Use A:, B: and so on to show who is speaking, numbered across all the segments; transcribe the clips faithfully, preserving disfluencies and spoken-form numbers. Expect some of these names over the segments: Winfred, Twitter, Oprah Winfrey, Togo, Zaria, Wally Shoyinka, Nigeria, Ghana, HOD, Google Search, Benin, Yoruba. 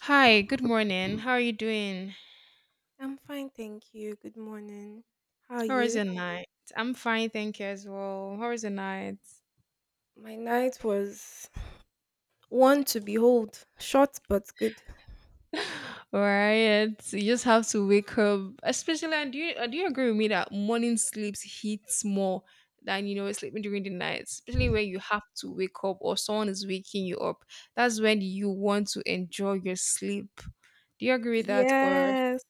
A: Hi, good morning. How are you doing?
B: I'm fine, thank you. Good morning. How are
A: How was your
B: you?
A: night? I'm fine, thank you as well. How was your night?
B: My night was one to behold, short but good.
A: All right, you just have to wake up. Especially, and do you uh, do you agree with me that morning sleeps hits more than you know sleeping during the night, especially when you have to wake up or someone is waking you up. That's when you want to enjoy your sleep. Do you agree with that? Or
B: Yes,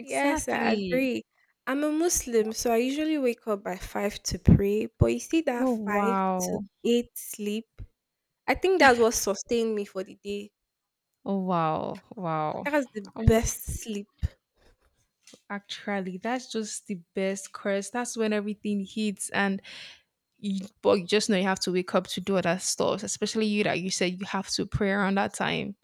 B: yes, I agree. I'm a Muslim, so I usually wake up by five to pray, but you see that
A: Oh
B: five to
A: wow.
B: eight sleep, I think that's what sustained me for the day.
A: Oh wow. Wow.
B: That's the best sleep.
A: Actually, that's just the best curse. That's when everything hits, and you, but you just know you have to wake up to do other stuff, especially you that you said you have to pray around that time.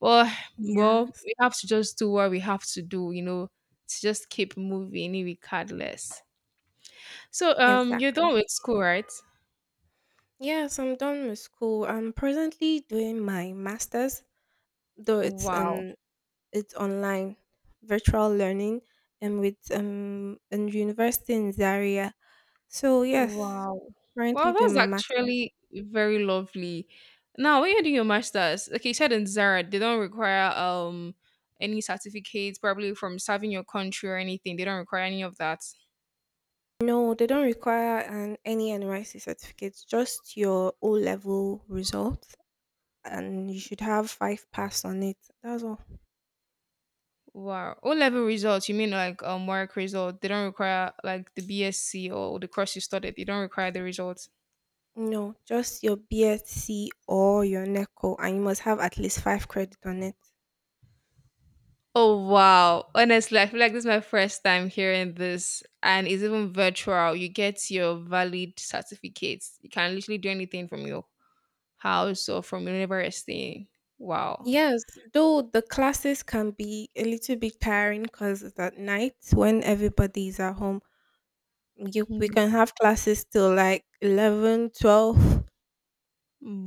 A: But well,
B: Yes,
A: we have to just do what we have to do, you know, to just keep moving regardless. So, um, you're
B: exactly.
A: done with school, right?
B: Yes, I'm done with school. I'm presently doing my master's, though it's
A: Wow.
B: an it's online, virtual learning, and with um in university in Zaria. So yes,
A: Wow.
B: currently
A: Wow,
B: doing
A: that's
B: my master's.
A: actually very lovely. Now, when you're doing your masters, like you said in Zara, they don't require um any certificates, probably from serving your country or anything. They don't require any of that.
B: No, they don't require an any N Y C certificates, just your O level results, and you should have five pass on it. That's all.
A: Wow. O level results, you mean like um work result? They don't require like the BSc or the course you studied. They don't require the results.
B: No, just your BSc or your NECO, and you must have at least five credit on it.
A: Oh wow. Honestly, I feel like this is my first time hearing this and it's even virtual. You get your valid certificates. You can literally do anything from your how so from university? Wow.
B: Yes, though the classes can be a little bit tiring because it's at night when everybody is at home. you, we
A: Mm,
B: can have classes till like eleven, twelve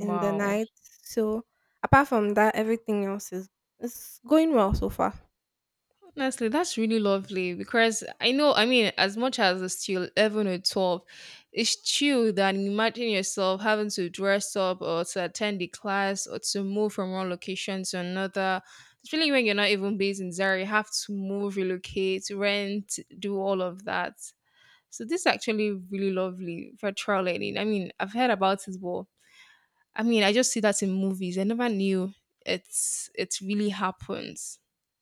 B: in the night. So apart from that, everything else is is going well so far.
A: Honestly, that's really lovely because I know, I mean, as much as it's still eleven or twelve, it's true that imagine yourself having to dress up or to attend the class or to move from one location to another. Especially when you're not even based in Zaria, you have to move, relocate, rent, do all of that. So this is actually really lovely virtual learning. I mean, I've heard about it, but I mean, I just see that in movies. I never knew it's it really happens.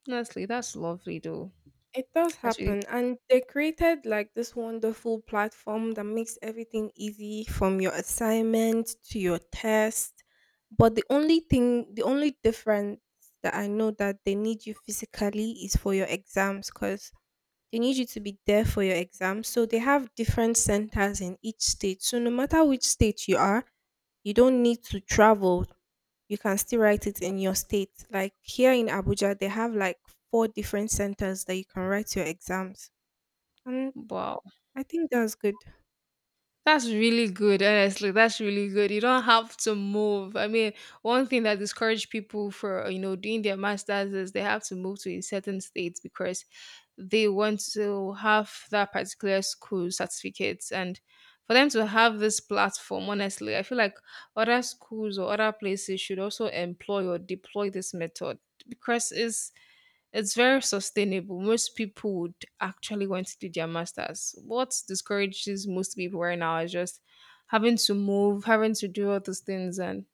A: Honestly, that's lovely though.
B: It does
A: That's really
B: happen, and they created like this wonderful platform that makes everything easy from your assignment to your test. But the only thing, the only difference that I know that they need you physically is for your exams because they need you to be there for your exams. So they have different centers in each state. So no matter which state you are, you don't need to travel. You can still write it in your state. Like here in Abuja, they have like four different centers that you can write your exams, and
A: wow.
B: I think that's good.
A: That's really good, honestly. That's really good. You don't have to move. I mean, one thing that discourages people for you know doing their masters is they have to move to a certain state because they want to have that particular school certificate. And for them to have this platform, honestly, I feel like other schools or other places should also employ or deploy this method because it's it's very sustainable. Most people would actually want to do their masters. What discourages most people right now is just having to move, having to do all those things, and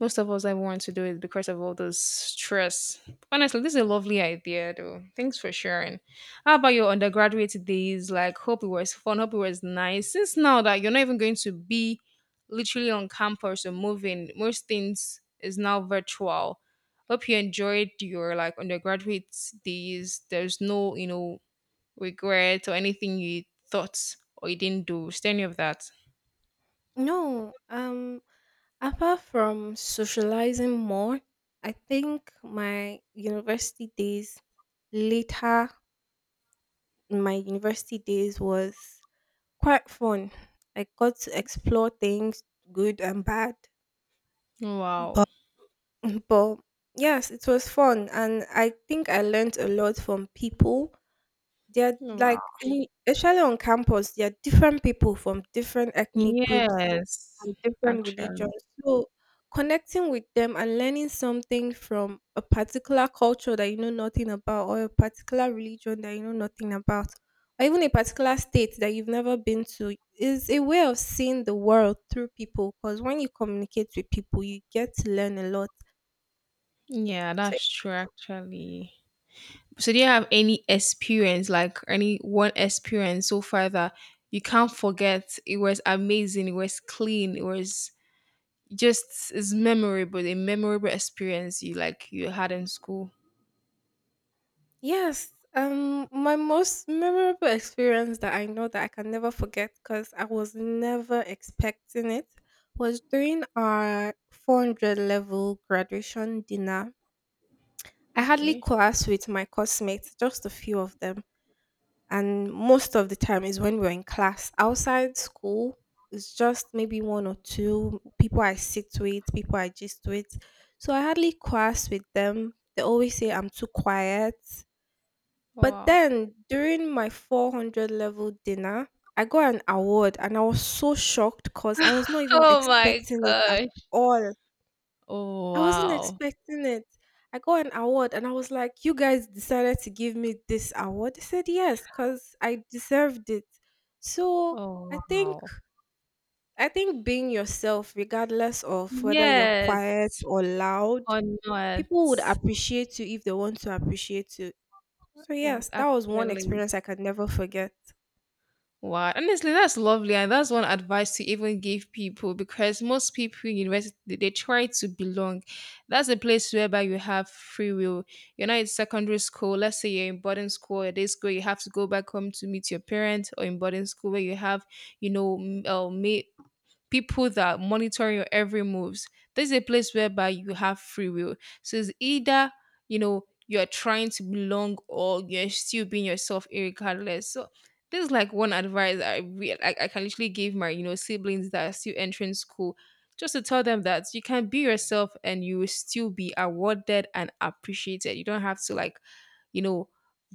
A: most of us I want to do it because of all those stress. Honestly, this is a lovely idea though. Thanks for sharing. How about your undergraduate days? Like hope it was fun, hope it was nice. Since now that you're not even going to be literally on campus or moving, most things is now virtual. Hope you enjoyed your like undergraduate days. There's no, you know, regret or anything you thought or you didn't do. Is there any of that?
B: No, um, apart from socializing more, I think my university days later, in my university days was quite fun. I got to explore things, good and bad.
A: Wow.
B: But yes, it was fun, and I think I learned a lot from people. They're
A: Wow.
B: like, any- especially on campus, there are different people from different ethnic groups
A: Yes.
B: and different
A: Actually.
B: religions. So connecting with them and learning something from a particular culture that you know nothing about, or a particular religion that you know nothing about, or even a particular state that you've never been to, is a way of seeing the world through people. Because when you communicate with people, you get to learn a lot.
A: Yeah,
B: So,
A: that's true actually. So do you have any experience, like any one experience so far that you can't forget? It was amazing, it was clean, it was just it's memorable, a memorable experience you like you had in school.
B: yes, um, my most memorable experience that I know that I can never forget because I was never expecting it was during our four hundred level graduation dinner. I hardly
A: Okay.
B: class with my classmates, just a few of them. And most of the time is when we're in class. Outside school, it's just maybe one or two people I sit with, people I gist with. So I hardly class with them. They always say I'm too quiet. But
A: Wow.
B: then during my four hundred level dinner, I got an award and I was so shocked because I was not even
A: Oh my
B: expecting it at
A: gosh.
B: all.
A: Oh
B: I wasn't
A: wow.
B: expecting it. I got an award and I was like, you guys decided to give me this award. They said yes, because I deserved it. So I
A: Oh
B: think
A: wow.
B: I think being yourself, regardless of whether you're quiet
A: Yes.
B: or loud,
A: Or not.
B: people would appreciate you if they want to appreciate you. So
A: Oh,
B: yes, that was one
A: actually.
B: experience I could never forget.
A: Wow, honestly, that's lovely, and that's one advice to even give people because most people in university they they try to belong. That's a place whereby you have free will. You're not in secondary school. Let's say you're in boarding school or day school, you have to go back home to meet your parents, or in boarding school where you have, you know, m- uh, ma- people that monitor your every moves. This is a place whereby you have free will. So it's either, you know, you're trying to belong or you're still being yourself regardless. So this is like one advice I really I, I can literally give my, you know, siblings that are still entering school. Just to tell them that you can be yourself and you will still be awarded and appreciated. You don't have to like you know,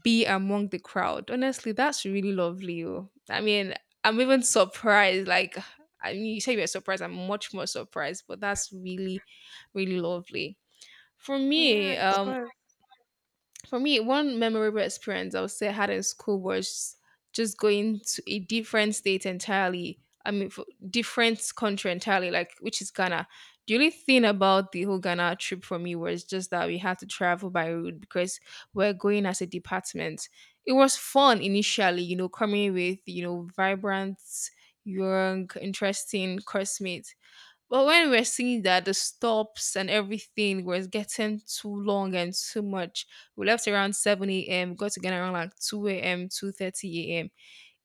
A: be among the crowd. Honestly, that's really lovely. Oh, I mean, I'm even surprised. Like, I mean, you say you're surprised. I'm much more surprised, but that's really, really lovely. For
B: Yeah,
A: me,
B: it
A: um,
B: was.
A: for me, one memorable experience I would say I had in school was just going to a different state entirely. I mean, for different country entirely, like which is Ghana. The only thing about the whole Ghana trip for me was just that we had to travel by road because we're going as a department. It was fun initially, you know, coming with you know vibrant, young, interesting classmates but when we were seeing that the stops and everything was getting too long and too much, we left around seven a m, got to get around like two a m, two thirty a.m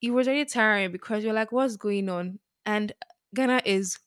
A: it was really tiring because you're like, what's going on? And Ghana is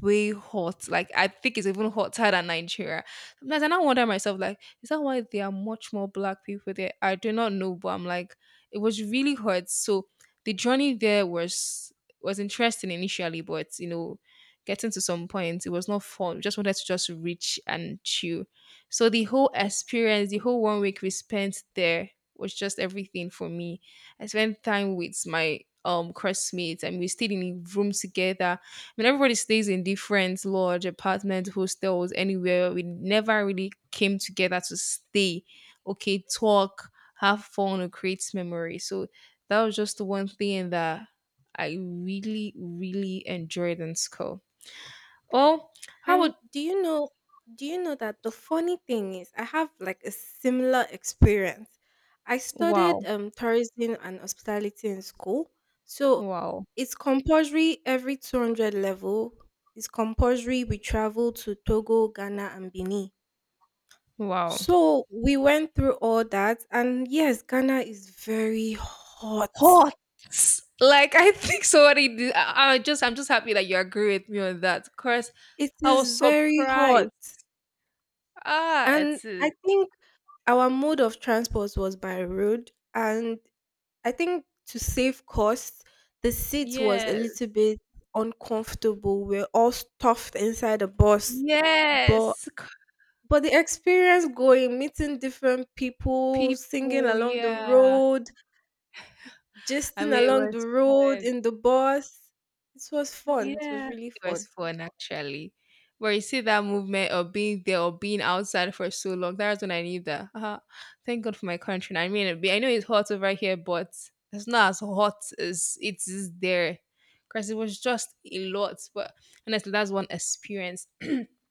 A: way hot. Like I think it's even hotter than Nigeria. Sometimes I now wonder myself, like, is that why there are much more black people there? I do not know, but I'm like, it was really hot. So the journey there was was interesting initially, but you know, getting to some point, it was not fun. We just wanted to just reach and chill. So the whole experience, the whole one week we spent there was just everything for me. I spent time with my um classmates and we stayed in a room together. I mean everybody stays in different lodge, apartments, hostels, anywhere. We never really came together to stay, okay, talk, have fun or create memories. So that was just the one thing that I really, really enjoyed in school. Oh, how would
B: And do you know do you know that the funny thing is I have like a similar experience. I studied
A: wow,
B: um tourism and hospitality in school. So
A: wow,
B: it's compulsory every two hundred level. It's compulsory we travel to Togo, Ghana and Benin.
A: wow.
B: So we went through all that, and yes, Ghana is very hot.
A: Hot. Like I think somebody did, I, I just I'm just happy that you agree with me on that. Cause.
B: It
A: I was
B: is very
A: surprised.
B: hot.
A: Ah,
B: And
A: it's a
B: I think our mode of transport was by road, and I think to save costs, the seat was a
A: yes.
B: little bit uncomfortable. We're all stuffed inside the bus, but
A: Yes, c
B: but the experience going, meeting different people, singing
A: people,
B: along the
A: yeah.
B: road,
A: I
B: gisting
A: mean, it
B: along the
A: was
B: road
A: fun.
B: in the bus, it was fun. It was
A: Yeah,
B: really
A: it was
B: fun.
A: fun actually. Where you see that movement of being there or being outside for so long, that's when I knew that, ah, thank God for my country. I mean, I know it's hot over here, but it's not as hot as it is there. Because it was just a lot. But honestly, that's one experience. I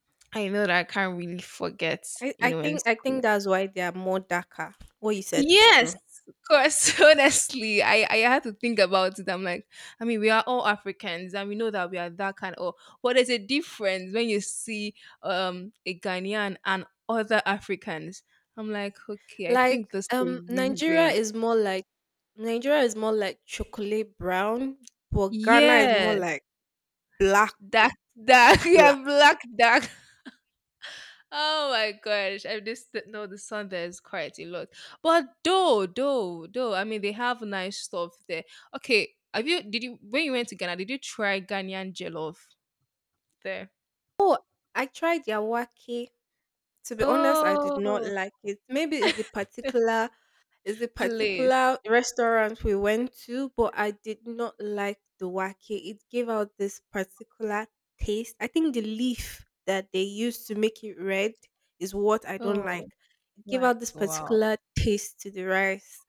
A: know that I can't really forget,
B: I,
A: you
B: I
A: know, in
B: think I think
A: school.
B: that's why they are more darker. What you said is
A: Yes,
B: true.
A: of course. Honestly, I, I had to think about it. I'm like, I mean, we are all Africans and we know that we are that kind of, but there's a difference when you see um a Ghanaian and other Africans. I'm like, okay, I
B: Like,
A: think that's the
B: um, Nigeria
A: reason.
B: is more like Nigeria is more like chocolate brown, but Ghana is more
A: Yes,
B: like black,
A: that, that, yeah,
B: black.
A: black, dark oh my gosh, I just didn't know the sun there is quite a lot. But though, though, though, I mean they have nice stuff there. Okay, have you did you when you went to Ghana, did you try Ghanaian jollof there?
B: Oh, I tried yawaki. To be honest, I did not
A: Oh
B: like it. Maybe it's the particular. It's a
A: please.
B: particular restaurant we went to, but I did not like the wake. It gave out this particular taste. I think the leaf that they used to make it red is what I don't
A: Oh
B: like. It gave
A: like
B: out this
A: wow.
B: particular taste to the rice,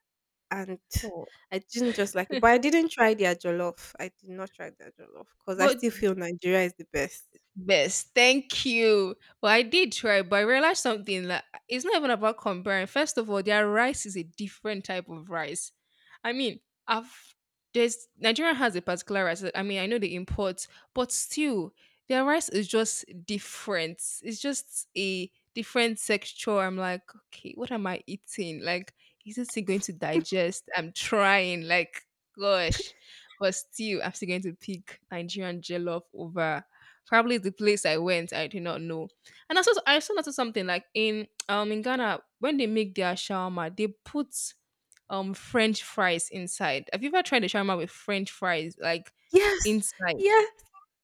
B: and
A: Oh.
B: I didn't just like it. But I didn't try their jollof. I did not try their jollof because I
A: But
B: still feel Nigeria is the best.
A: best. Thank you. Well, I did try, but I realized something that it's not even about comparing. First of all, their rice is a different type of rice. I mean, I've there's Nigeria has a particular rice. That- I mean, I know they import, but still, their rice is just different. It's just a different texture. I'm like, okay, what am I eating? Like, is this thing going to digest? I'm trying. Like, gosh, but still, I'm still going to pick Nigerian jollof over probably the place I went, I did not know. And I saw I also noticed something like in um in Ghana when they make their shawarma, they put um French fries inside. Have you ever tried a shawarma with French fries like
B: Yes,
A: inside?
B: yeah.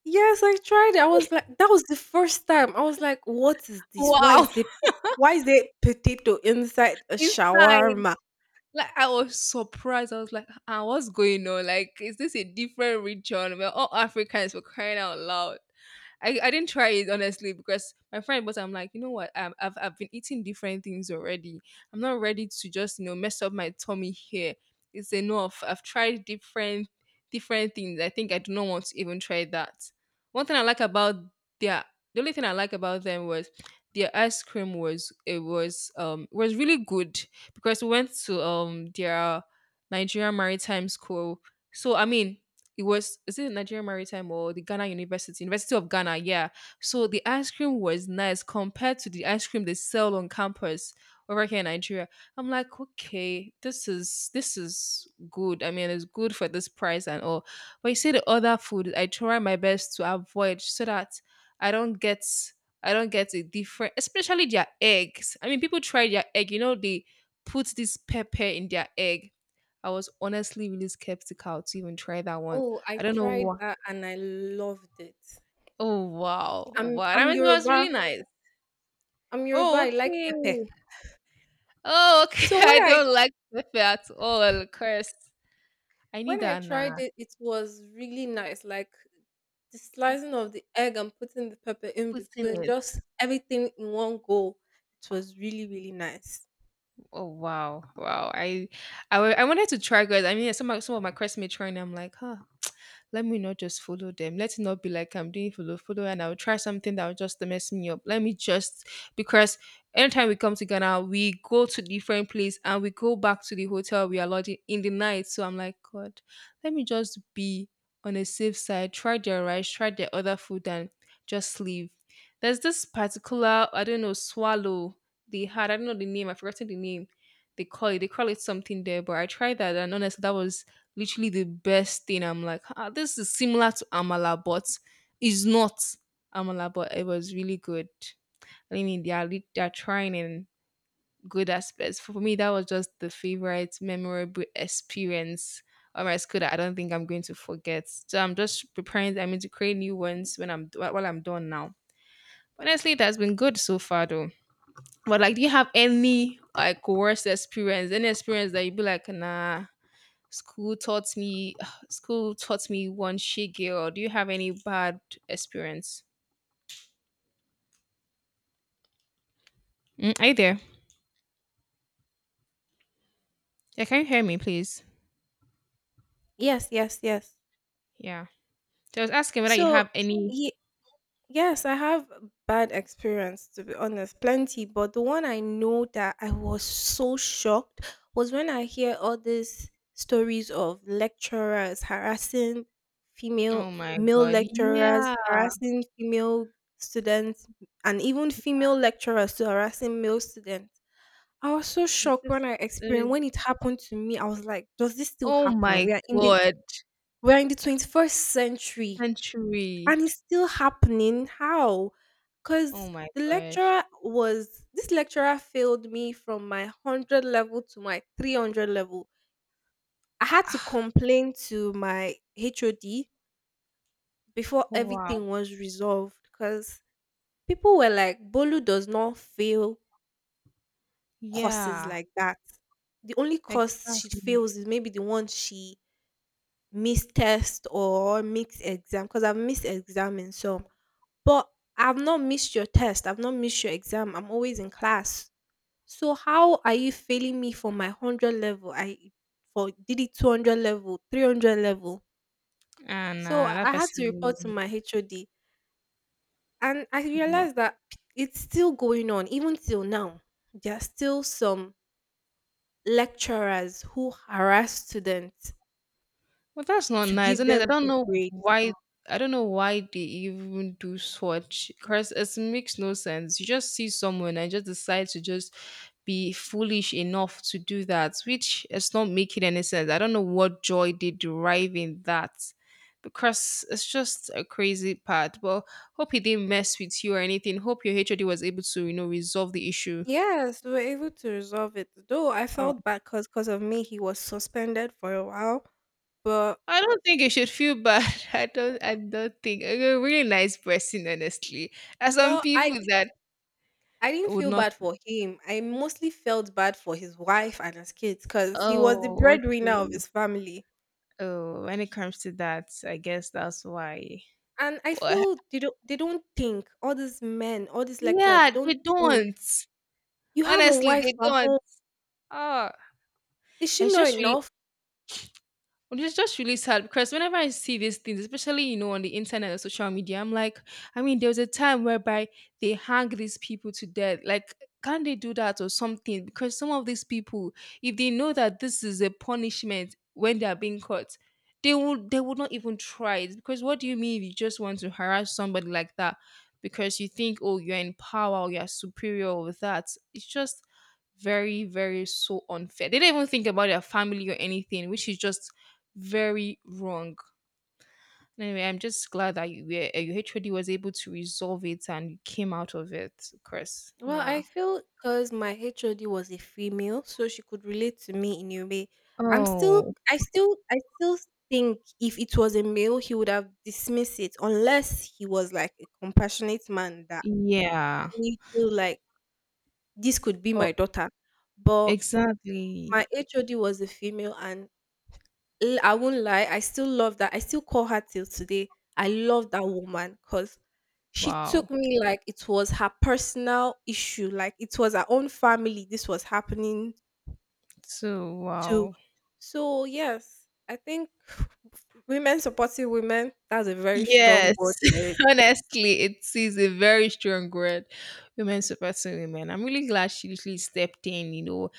B: Yes, I tried it. I was like that was the first time. I was like, "What is this? Why is
A: Wow,
B: there why is there potato inside a
A: inside.
B: shawarma?"
A: Like I was surprised. I was like, "Ah, what's going on? Like, is this a different region? We're all Africans. We crying out loud." I, I didn't try it honestly because my friend, but I'm like, you know what? Um, I've I've been eating different things already. I'm not ready to just you know mess up my tummy here. It's enough. I've tried different different things. I think I do not want to even try that. One thing I like about their the only thing I like about them was their ice cream was it was um was really good because we went to um their Nigerian Maritime School. So I mean, it was is it Nigerian Maritime or the Ghana University, University of Ghana? Yeah. So the ice cream was nice compared to the ice cream they sell on campus over here in Nigeria. I'm like, okay, this is this is good. I mean, it's good for this price and all. But you see the other food, I try my best to avoid so that I don't get I don't get a different, especially their eggs. I mean, people try their egg. You know, they put this pepper in their egg. I was honestly really skeptical to even try that one.
B: Oh, I
A: I don't know
B: tried
A: why.
B: that and I loved it.
A: Oh wow.
B: I'm
A: Wow. That
B: I'm
A: means it was
B: Yoruba.
A: really nice.
B: I'm Yoruba.
A: Oh,
B: I like pepper.
A: okay. Oh, okay.
B: So when
A: I
B: I
A: don't like pepper at all. Curse. I need
B: when I
A: that now.
B: tried it, it was really nice. Like the slicing of the egg and putting the pepper in
A: What's in
B: between,
A: it?
B: just everything in one go. It was really, really nice.
A: Oh wow. Wow. I I, wa- I wanted to try guys. I mean some of- some of my classmates trying, I'm like, huh, let me not just follow them. Let it not be like I'm doing follow follow and I'll try something that will just mess me up. Let me just because anytime we come to Ghana, we go to different place and we go back to the hotel we are lodging in the night. So I'm like, God, let me just be on a safe side, try their rice, try their other food and just leave. There's this particular, I don't know, swallow they had. I don't know the name, I've forgotten the name. They call it, they call it something there, but I tried that and honestly that was literally the best thing. I'm like, ah, this is similar to Amala, but it's not Amala, but it was really good. I mean, they are, lit- they are trying in good aspects. For me, that was just the favorite memorable experience of my school that I don't think I'm going to forget. So I'm just preparing, I mean, to create new ones when I'm wh- while I'm done now. Honestly, that's been good so far, though. But like, do you have any like worst experience? Any experience that you be like, nah, school taught me school taught me one shit girl. Do you have any bad experience? Mm, are you there? Yeah, can you hear me please?
B: Yes, yes, yes.
A: Yeah. So I was asking whether you
B: So,
A: have any.
B: yeah. Yes, I have bad experience to be honest, plenty. But the one I know that I was so shocked was when I hear all these stories of lecturers harassing
A: Oh
B: female
A: my
B: male
A: god.
B: lecturers,
A: Yeah.
B: harassing female students, and even female lecturers to harassing male students. I was so
A: It's
B: shocked
A: just
B: when I
A: it
B: experienced
A: is-
B: when it happened to me. I was like, does this still
A: oh
B: happen?
A: my
B: We are in the
A: god.
B: we are in the twenty first century and
A: Century.
B: it's still happening. How?
A: Oh
B: Because
A: my
B: the
A: gosh.
B: lecturer was this lecturer failed me from my one hundred level to my three hundred level. I had to
A: Ah,
B: complain to my H O D before
A: wow.
B: everything was resolved because people were like, Bolu does not fail courses
A: Yeah,
B: like that. The only course she
A: exactly.
B: fails is maybe the one she missed test or mixed exam because I've missed exam in some. But I've not missed your test, I've not missed your exam, I'm always in class. So how are you failing me for my one hundred level? I for did it two hundred level, three hundred level.
A: And
B: So
A: uh,
B: I
A: that
B: I had to report to my
A: person.
B: H O D and I realized that it's still going on even till now. There are still some lecturers who harass students
A: Well, that's not
B: to
A: nice,
B: give
A: and I
B: them
A: don't
B: good
A: know
B: grades.
A: why. I don't know why they even do such. Cause it makes no sense. You just see someone and just decide to just be foolish enough to do that, which is not making any sense. I don't know what joy they derive in that, because it's just a crazy part. But hope he didn't mess with you or anything. Hope your H O D was able to, you know, resolve the issue.
B: Yes, we were able to resolve it. Though I felt bad because of me, he was suspended for a while. But
A: I don't think you should feel bad. I don't. I don't think you're a really nice person, honestly. There are some
B: well, I
A: people
B: di-
A: that
B: I didn't
A: would
B: feel
A: not.
B: bad for him. I mostly felt bad for his wife and his kids because he was the
A: Oh,
B: breadwinner of
A: okay.
B: his family.
A: Oh, when it comes to that, I guess that's why.
B: And I
A: But
B: feel they don't they don't think all these men, all these lecturers, they
A: yeah,
B: don't
A: they
B: think
A: don't.
B: you have a
A: Honestly,
B: wife
A: they
B: at
A: don't.
B: home.
A: Oh,
B: Is she
A: it's
B: not
A: just really.
B: enough?
A: Which is just really sad because whenever I see these things, especially you know on the internet or social media, I'm like, I mean, there was a time whereby they hang these people to death. Like, can they do that or something? Because some of these people, if they know that this is a punishment when they are being caught, they would they would not even try it. Because what do you mean if you just want to harass somebody like that because you think, oh, you're in power or you're superior over that? It's just very, very so unfair. They do not even think about their family or anything, which is just very wrong. Anyway, I'm just glad that you were, uh, your H O D was able to resolve it and you came out of it, Chris.
B: Well,
A: Nah.
B: I feel because my H O D was a female, so she could relate to me in a way. I'm still,
A: Oh,
B: I still, I still think if it was a male, he would have dismissed it unless he was like a compassionate man that
A: yeah.
B: you feel like this could be
A: Oh,
B: my daughter. But
A: exactly.
B: my H O D was a female, and l- I won't lie, I still love that. I still call her till today. I love that woman because she
A: Wow.
B: took me like it was her personal issue, like it was her own family this was happening
A: So,
B: to.
A: wow.
B: So yes, I think women supporting women, that's a very strong
A: Yes,
B: word for it.
A: honestly, it is a very strong word. Women supporting women. I'm really glad she literally stepped in, you know,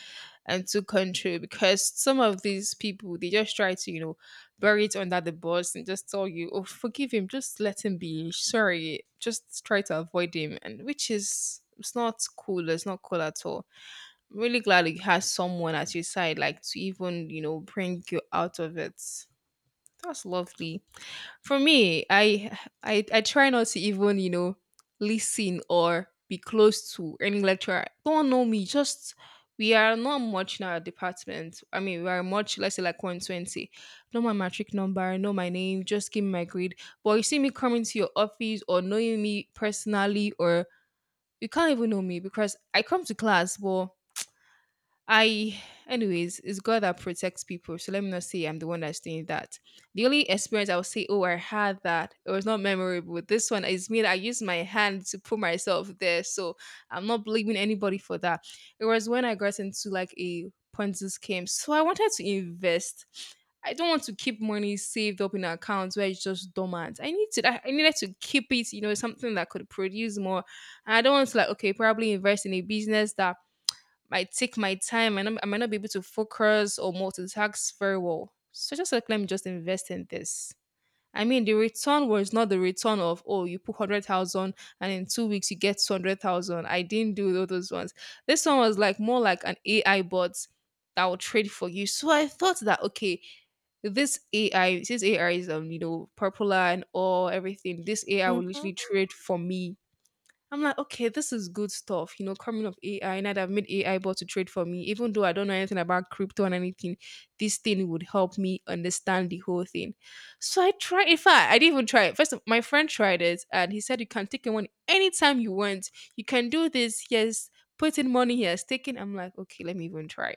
A: and took control because some of these people they just try to you know bury it under the bus and just tell you oh forgive him just let him be sorry just try to avoid him and which is it's not cool it's not cool at all. I'm really glad you has someone at your side like to even you know bring you out of it. That's lovely. For me, I I I try not to even you know listen or be close to any lecturer. Don't know me. Just we are not much in our department. I mean, we are much let's say like one twenty. Know my matric number. Know my name. Just give me my grade. But you see me coming to your office or knowing me personally, or you can't even know me because I come to class, but I, anyways, it's God that protects people. So let me not say I'm the one that's doing that. The only experience I would say, oh, I had that, it was not memorable. This one is me. That I used my hand to put myself there. So I'm not blaming anybody for that. It was when I got into like a Ponzi scheme. So I wanted to invest. I don't want to keep money saved up in accounts where it's just dormant. I need to. I I needed to keep it. You know, something that could produce more. And I don't want to like okay, probably invest in a business that I take my time and I'm- I might not be able to focus or multitask very well. So just like let me just invest in this. I mean, the return was not the return of oh, you put hundred thousand and in two weeks you get two hundred thousand. I didn't do all those ones. This one was like more like an A I bot that will trade for you. So I thought that okay, this A I, since A I is um you know popular and all everything, this A I will
B: Mm-hmm.
A: literally trade for me. I'm like, okay, this is good stuff, you know, coming of A I. And I'd have made A I bot to trade for me, even though I don't know anything about crypto and anything. This thing would help me understand the whole thing. So I tried. In fact, I didn't even try it. First, of, my friend tried it, and he said you can take a one anytime you want. You can do this. Yes, put in money. Here, taking. I'm like, okay, let me even try.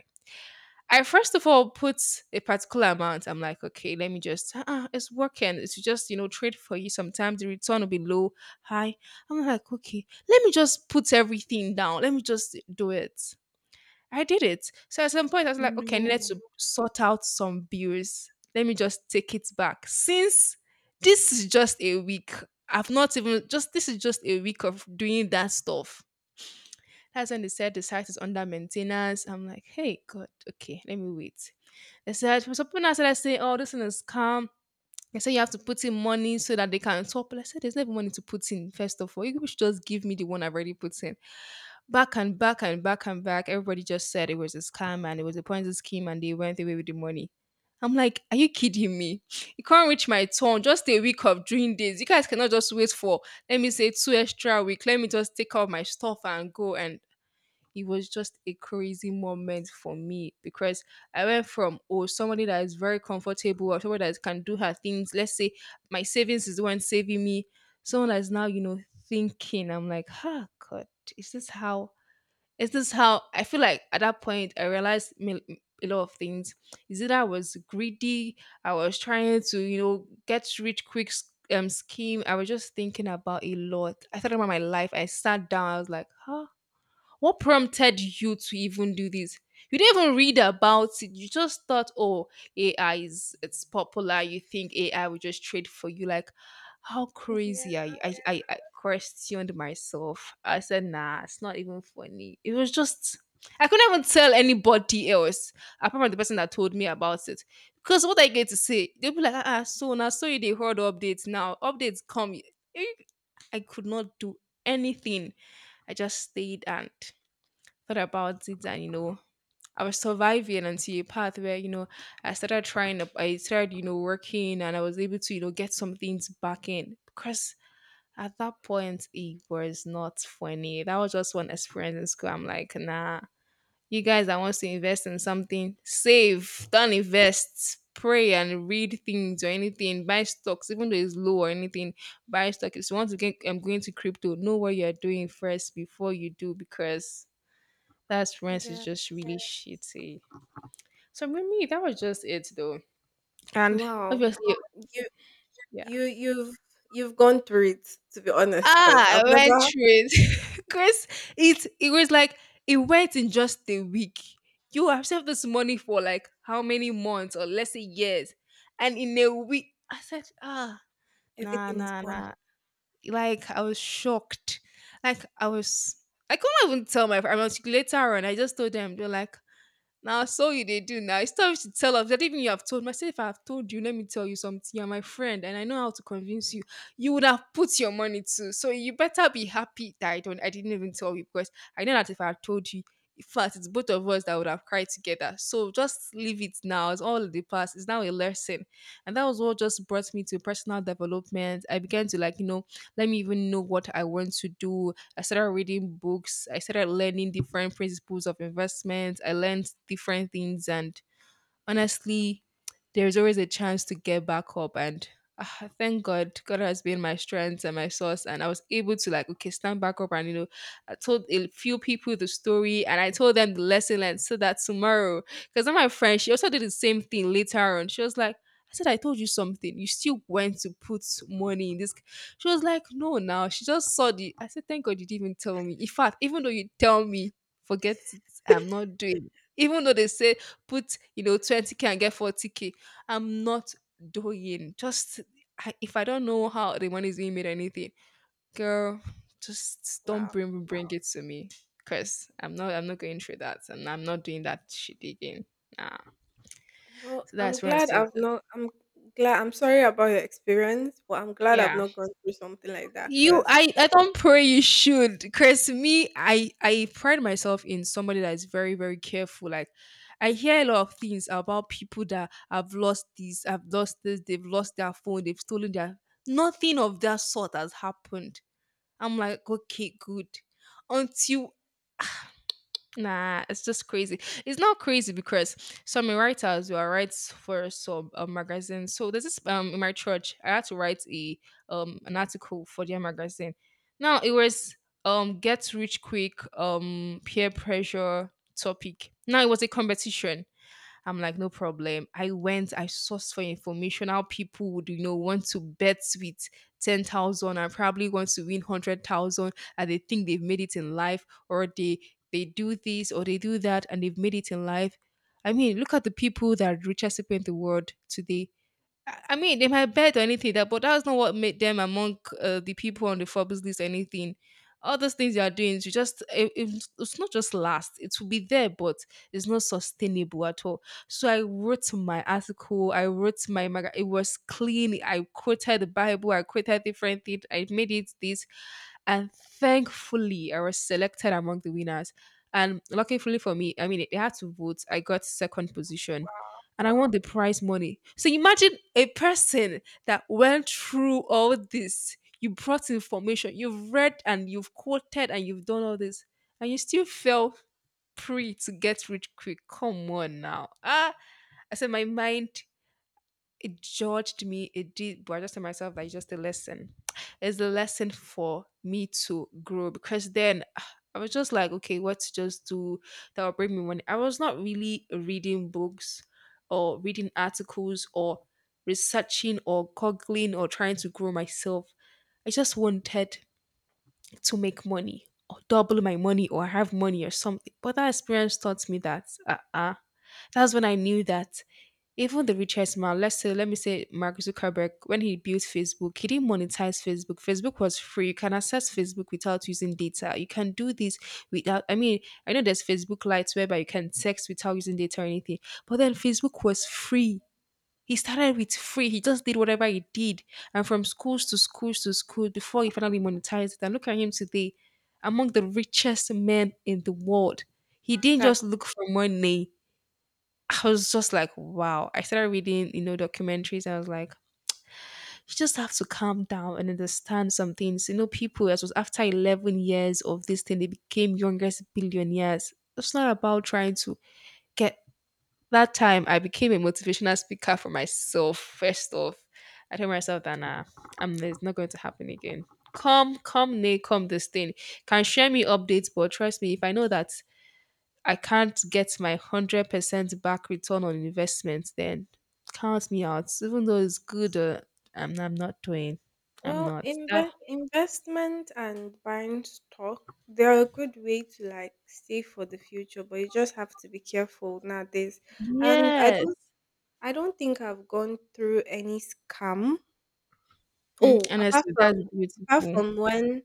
A: I first of all put a particular amount. I'm like, okay, let me just, uh it's working. It's just, you know, trade for you. Sometimes the return will be low, high. I'm like, okay, let me just put everything down. Let me just do it. I did it. So at some point, I was like, okay, I needed to
B: No.
A: sort out some bills. Let me just take it back. Since this is just a week, I've not even, just this is just a week of doing that stuff. That's when they said the site is under maintenance. I'm like, hey, God, okay, let me wait they said for some people now said, I saying, "Oh, this thing is scam." They said you have to put in money so that they can top. But I said there's never money to put in. First of all, you should just give me the one I've already put in. Back and back and back and back, everybody just said it was a scam and it was a Ponzi scheme and they went away with the money. I'm like, are you kidding me? You can't reach my turn. Just a week of doing this. You guys cannot just wait for let me say two extra week. Let me just take out my stuff and go and it was just a crazy moment for me because I went from oh somebody that is very comfortable or somebody that can do her things. Let's say my savings is the one saving me. Someone that is now, you know, thinking. I'm like, huh, God, is this how is this how I feel like at that point I realized me- a lot of things. Is it I was greedy? I was trying to, you know, get rich quick s- um scheme. I was just thinking about a lot. I thought about my life. I sat down. I was like, huh, what prompted you to even do this? You didn't even read about it. You just thought, oh, A I is it's popular. You think A I will just trade for you. Like, how
B: Yeah,
A: crazy are you? I, I, I questioned myself. I said, nah, it's not even funny. It was just I couldn't even tell anybody else apart from the person that told me about it. Because what I get to say, they'll be like, ah, ah, so now so you they heard updates now. Updates come. Eh, I could not do anything. I just stayed and thought about it and you know I was surviving until a path where you know I started trying to- I started you know working and I was able to you know get some things back in because at that point it was not funny. That was just one experience in school. I'm like, nah, you guys that wants to invest in something, save, don't invest, pray and read things or anything, buy stocks even though it's low or anything, buy stock if you want to get. I'm going to crypto, know what you're doing first before you do, because that friends is
B: yeah.
A: just really shitty. So for me, that was just it though. And
B: Wow.
A: obviously, yeah.
B: You you've you've gone through it to be honest, because 'cause
A: Ah, I
B: I've never
A: went through it. Because it it was like it went in just a week. You have saved this money for like how many months or let's say years. And in a week, I said, ah, nah,
B: everything is
A: nah,
B: gone.
A: nah. Like I was shocked. Like I was I couldn't even tell my friends. I was later on, I just told them, they're like, now, so you they do now. It's time to tell us. That even you have told myself, I said, if I have told you, let me tell you something. You're my friend, and I know how to convince you. You would have put your money too. So you better be happy that I don't I didn't even tell you because I know that if I had told you, in fact, it's both of us that would have cried together. So just leave it now. It's all in the past. It's now a lesson. And that was what just brought me to personal development. I began to like, you know, let me even know what I want to do. I started reading books. I started learning different principles of investment. I learned different things and honestly, there's always a chance to get back up. And ah, thank God, God has been my strength and my source. And I was able to like, okay, stand back up. And, you know, I told a few people the story and I told them the lesson learned so that tomorrow, because my friend, she also did the same thing later on. She was like, I said, I told you something. You still went to put money in this. C-" She was like, no, now. She just saw the, I said, thank God you didn't even tell me. In fact, even though you tell me, forget it. I'm not doing. It." Even though they say put, you know, twenty k and get forty k. I'm not doing just I, if I don't know how the money is being made or anything, girl, just don't
B: Wow.
A: bring bring it to me. Cause I'm not I'm not going through that and I'm not doing that shit again. Nah.
B: Well,
A: So
B: I'm
A: that's where I
B: glad
A: stood.
B: I've not I'm glad I'm sorry about your experience, but I'm glad I've
A: Yeah.
B: not gone through something like that,
A: You,
B: cause
A: I, I don't pray you should. Cause me, I, I pride myself in somebody that is very, very careful. Like, I hear a lot of things about people that have lost this, have lost this, they've lost their phone, they've stolen their. Nothing of that sort has happened. I'm like, okay, good. Until nah, it's just crazy. It's not crazy because some writers were writes for some uh, magazine. So there's this um in my church, I had to write a um an article for their magazine. Now it was um get rich quick um peer pressure topic. Now it was a competition. I'm like, no problem. I went, I sourced for information how people would, you know, want to bet with ten thousand and probably want to win one hundred thousand and they think they've made it in life, or they, they do this or they do that and they've made it in life. I mean, look at the people that are richest people in the world today. I I mean, they might bet or anything that, but that's not what made them among uh, the people on the Forbes list or anything. All those things you are doing, you just it, it's it's not just last. It will be there, but it's not sustainable at all. So I wrote my article. I wrote my maga. It was clean. I quoted the Bible. I quoted different things. I made it this, and thankfully, I was selected among the winners. And luckily for me, I mean, they had to vote. I got second position and I want the prize money. So imagine a person that went through all this. You brought information, you've read and you've quoted and you've done all this, and you still fell prey to get rich quick. Come on now. Ah, I said my mind it judged me. It did, but I just tell myself that it's just a lesson. It's a lesson for me to grow because then ah, I was just like, okay, what to just do that will bring me money? I was not really reading books or reading articles or researching or googling or trying to grow myself. I just wanted to make money or double my money or have money or something. But that experience taught me that uh-uh. That's when I knew that even the richest man, let's say, let me say Mark Zuckerberg, when he built Facebook, he didn't monetize Facebook. Facebook was free. You can access Facebook without using data. You can do this without, I mean, I know there's Facebook Lights whereby you can text without using data or anything, but then Facebook was free. He started with free. He just did whatever he did. And from schools to schools to schools before he finally monetized it. And look at him today, among the richest men in the world. He didn't
B: that
A: just look for money. I was just like, wow. I started reading, you know, documentaries. And I was like, you just have to calm down and understand some things. You know, people, as was after eleven years of this thing, they became youngest billionaires. It's not about trying to get that time. I became a motivational speaker for myself, first off. I told myself that, nah, I'm, it's not going to happen again. Come, come, nay, come this thing. Can share me updates, but trust me, if I know that I can't get my one hundred percent back return on investment, then count me out. Even though it's good, uh, I'm, I'm not doing. I'm
B: well,
A: not. That,
B: inve investment and buying stock, they're a good way to like save for the future, but you just have to be careful nowadays. And I don't
A: yes.
B: I don't think I've gone through any scam.
A: Mm,
B: Oh, apart
A: honestly,
B: from
A: that's
B: apart
A: beautiful.
B: from when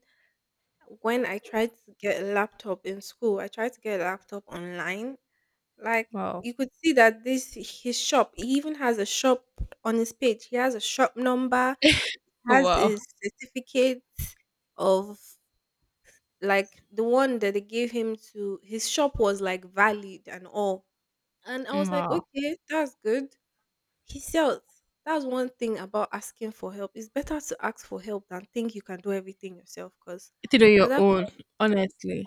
B: when I tried to get a laptop in school, I tried to get a laptop online. Like
A: Wow.
B: you could see that this his shop. He even has a shop on his page. He has a shop number, has
A: Wow.
B: his certificate of like the one that they gave him to his shop was like valid and all. And I was like,
A: Wow.
B: okay, that's good. He sells. That's one thing about asking for help. It's better to ask for help than think you can do everything yourself because
A: It on
B: at
A: your
B: that
A: own,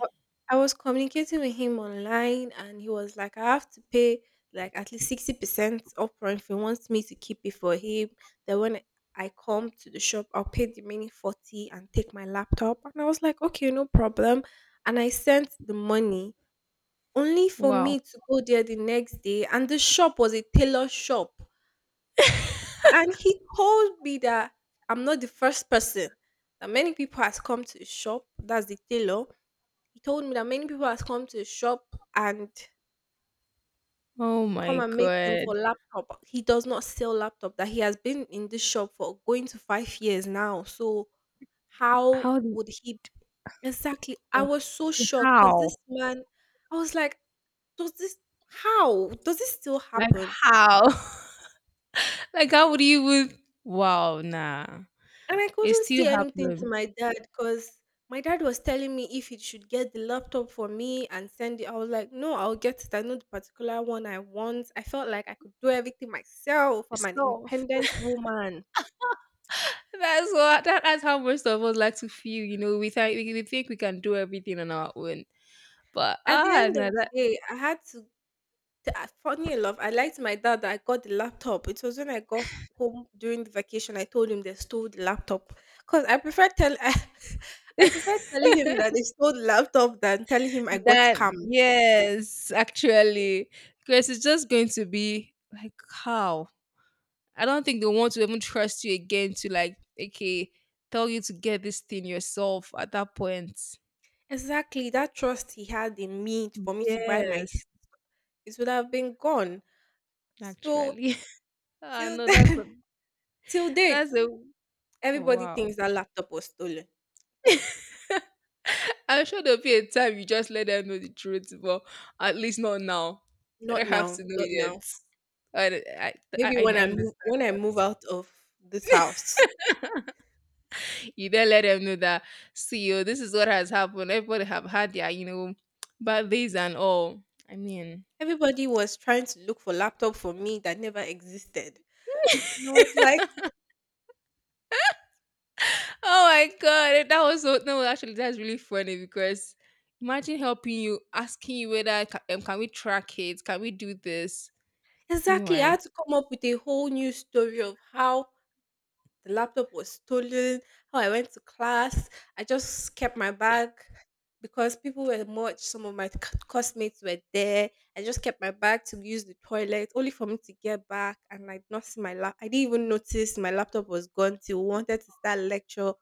B: I I was communicating with him online and he was like, I have to pay like at least sixty percent upfront if he wants me to keep it for him. Then when I come to the shop, I'll pay the remaining forty and take my laptop. And I was like, okay, no problem. And I sent the money only for
A: Wow.
B: me to go there the next day. And the shop was a tailor shop. And he told me that I'm not the first person. That many people has come to the shop. That's the tailor he told me that many people has come to his shop and
A: Oh my
B: come and meet him
A: God.
B: for laptop. He does not sell laptop. That he has been in this shop for going to five years now. So how
A: How? Do-
B: would he exactly? I was so shocked because this
A: How?
B: man, I was like, does this how does this still
A: Like,
B: happen?
A: how? Like, how would you even? Wow, nah.
B: And I
A: It
B: couldn't
A: still
B: say anything to
A: happens.
B: my dad because my dad was telling me if he should get the laptop for me and send it. I was like, no, I'll get it. I know the particular one I want. I felt like I could do everything myself. I'm an
A: So
B: independent woman.
A: that's what that, that's how most of us like to feel. You know, we think we, we think we can do everything on our own, but
B: At the
A: ah,
B: end
A: no,
B: of the
A: that
B: day, I had to. t- I- Funny enough, I lied to my dad that I got the laptop. It was when I got home during the vacation. I told him they stole the laptop because I prefer tell I, I prefer telling him that they stole the laptop than telling him I got
A: that
B: scammed.
A: yes, actually, because it's just going to be like how I don't think they want to even trust you again to like okay tell you to get this thing yourself at that point.
B: Exactly. That trust he had in me for me to buy my s-
A: Yes,
B: It would have been gone. So
A: actually, ah
B: till
A: no, that's a,
B: then, till date,
A: that's a
B: everybody
A: wow.
B: thinks that laptop was stolen.
A: I'm sure there'll be a time you just let them know the truth, but at least not now. They
B: Not
A: don't have to
B: now,
A: know
B: not
A: yet.
B: now.
A: I, I, I,
B: Maybe
A: I
B: when
A: I
B: I
A: understand.
B: move when I move out of this house.
A: You then let them know that, see, oh, this is what has happened. Everybody have had their, you know, bad days and all. I mean,
B: Everybody was trying to look for laptop for me that never existed. And I was like,
A: oh my god, eh, that was so no. Actually, that's really funny because imagine helping you, asking you whether ca- um, can we track it, can we do this.
B: exactly, I
A: Meanwhile,
B: had to come up with a whole new story of how the laptop was stolen, how I went to class. I just kept my bag because people were much, some of my c- classmates were there. I just kept my bag to use the toilet, only for me to get back. And I did not see my lap. I didn't even notice my laptop was gone till we wanted to start lecture,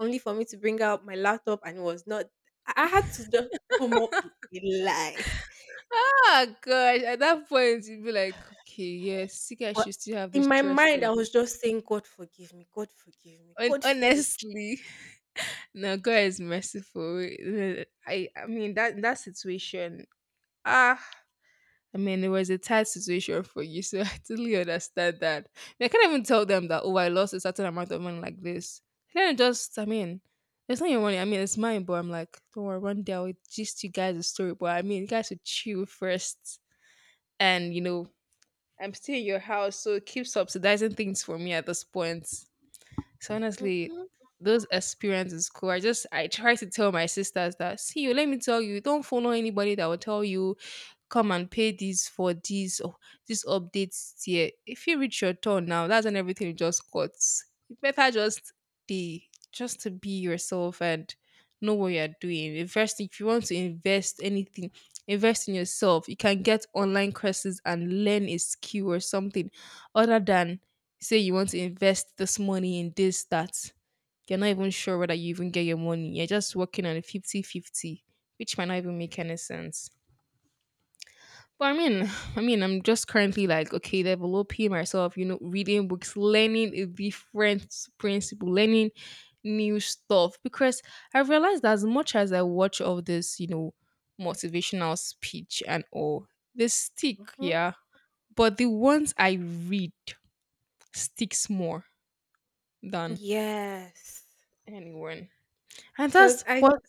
B: only for me to bring out my laptop and it was not. I I had to just come up with a lie.
A: ah, gosh. At that point, you'd be like, okay, yes, you guys should
B: But
A: still have
B: in
A: this
B: my
A: trust
B: mind,
A: in
B: I
A: me.
B: was just saying, God forgive me, God forgive me,
A: Hon-
B: God forgive me.
A: Honestly, no, God is merciful. Uh, I, I mean that that situation. Ah, I mean it was a tight situation for you, so I totally understand that. I can't even tell them that. Oh, I lost a certain amount of money like this. Then it just, I mean, it's not your money. I mean, it's mine. But I'm like, don't worry, one day I'll just you guys a story. But I mean, you guys should chill first, and you know, I'm still in your house, so keep subsidizing things for me at this point. So honestly,
B: Mm-hmm.
A: those experiences cool. I just I try to tell my sisters that see you, let me tell you, don't follow anybody that will tell you come and pay this for this or this updates here. If you reach your turn now, that's when everything just cuts. You better just be just to be yourself and know what you're doing. Invest if you want to invest anything, invest in yourself. You can get online courses and learn a skill or something other than say you want to invest this money in this that you're not even sure whether you even get your money. You're just working on a 50 fifty, which might not even make any sense. But I mean, I mean, I'm just currently like, okay, developing myself. You know, reading books, learning a different principle, learning new stuff. Because I realized as much as I watch all this, you know, motivational speech and all, they stick,
B: Mhm.
A: yeah. But the ones I read sticks more than
B: cause
A: anyone, and that's
B: I
A: what.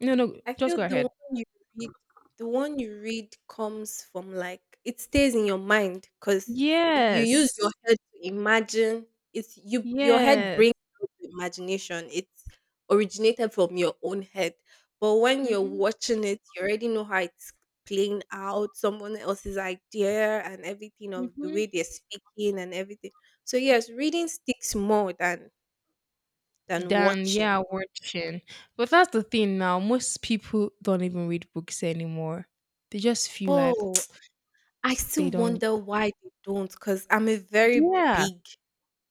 A: No, no,
B: I
A: just
B: feel
A: go
B: the
A: ahead.
B: one you read, the one you read comes from like it stays in your mind because you use your
A: Yes,
B: head to imagine. It's you. Your head
A: yes.
B: brings out the imagination. It's originated from your own head. But when you're
A: Mm-hmm.
B: watching it, you already know how it's playing out, someone else's idea, and everything of the way they're speaking and everything. So yes, reading sticks more than than
A: Than
B: watching.
A: yeah, watching. But that's the thing now. Most people don't even read books anymore. They just feel like
B: Oh, I
A: they
B: still
A: don't.
B: wonder why they do not because 'cause I'm a very
A: Yeah.
B: big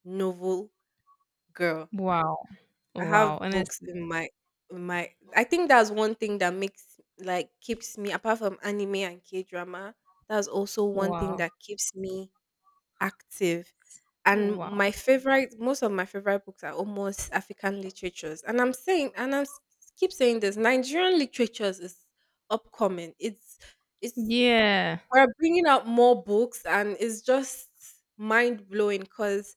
B: novel girl.
A: Wow.
B: I
A: Wow.
B: have
A: And it's
B: books in my in my I think that's one thing that makes like keeps me apart from anime and K-drama, that's also one thing
A: wow.
B: that keeps me active. And my
A: Wow.
B: favorite most of my favorite books are almost African literatures. And I'm saying and I'm s- keep saying this, Nigerian literatures is upcoming. It's it's
A: Yeah.
B: we're bringing out more books, and it's just mind blowing because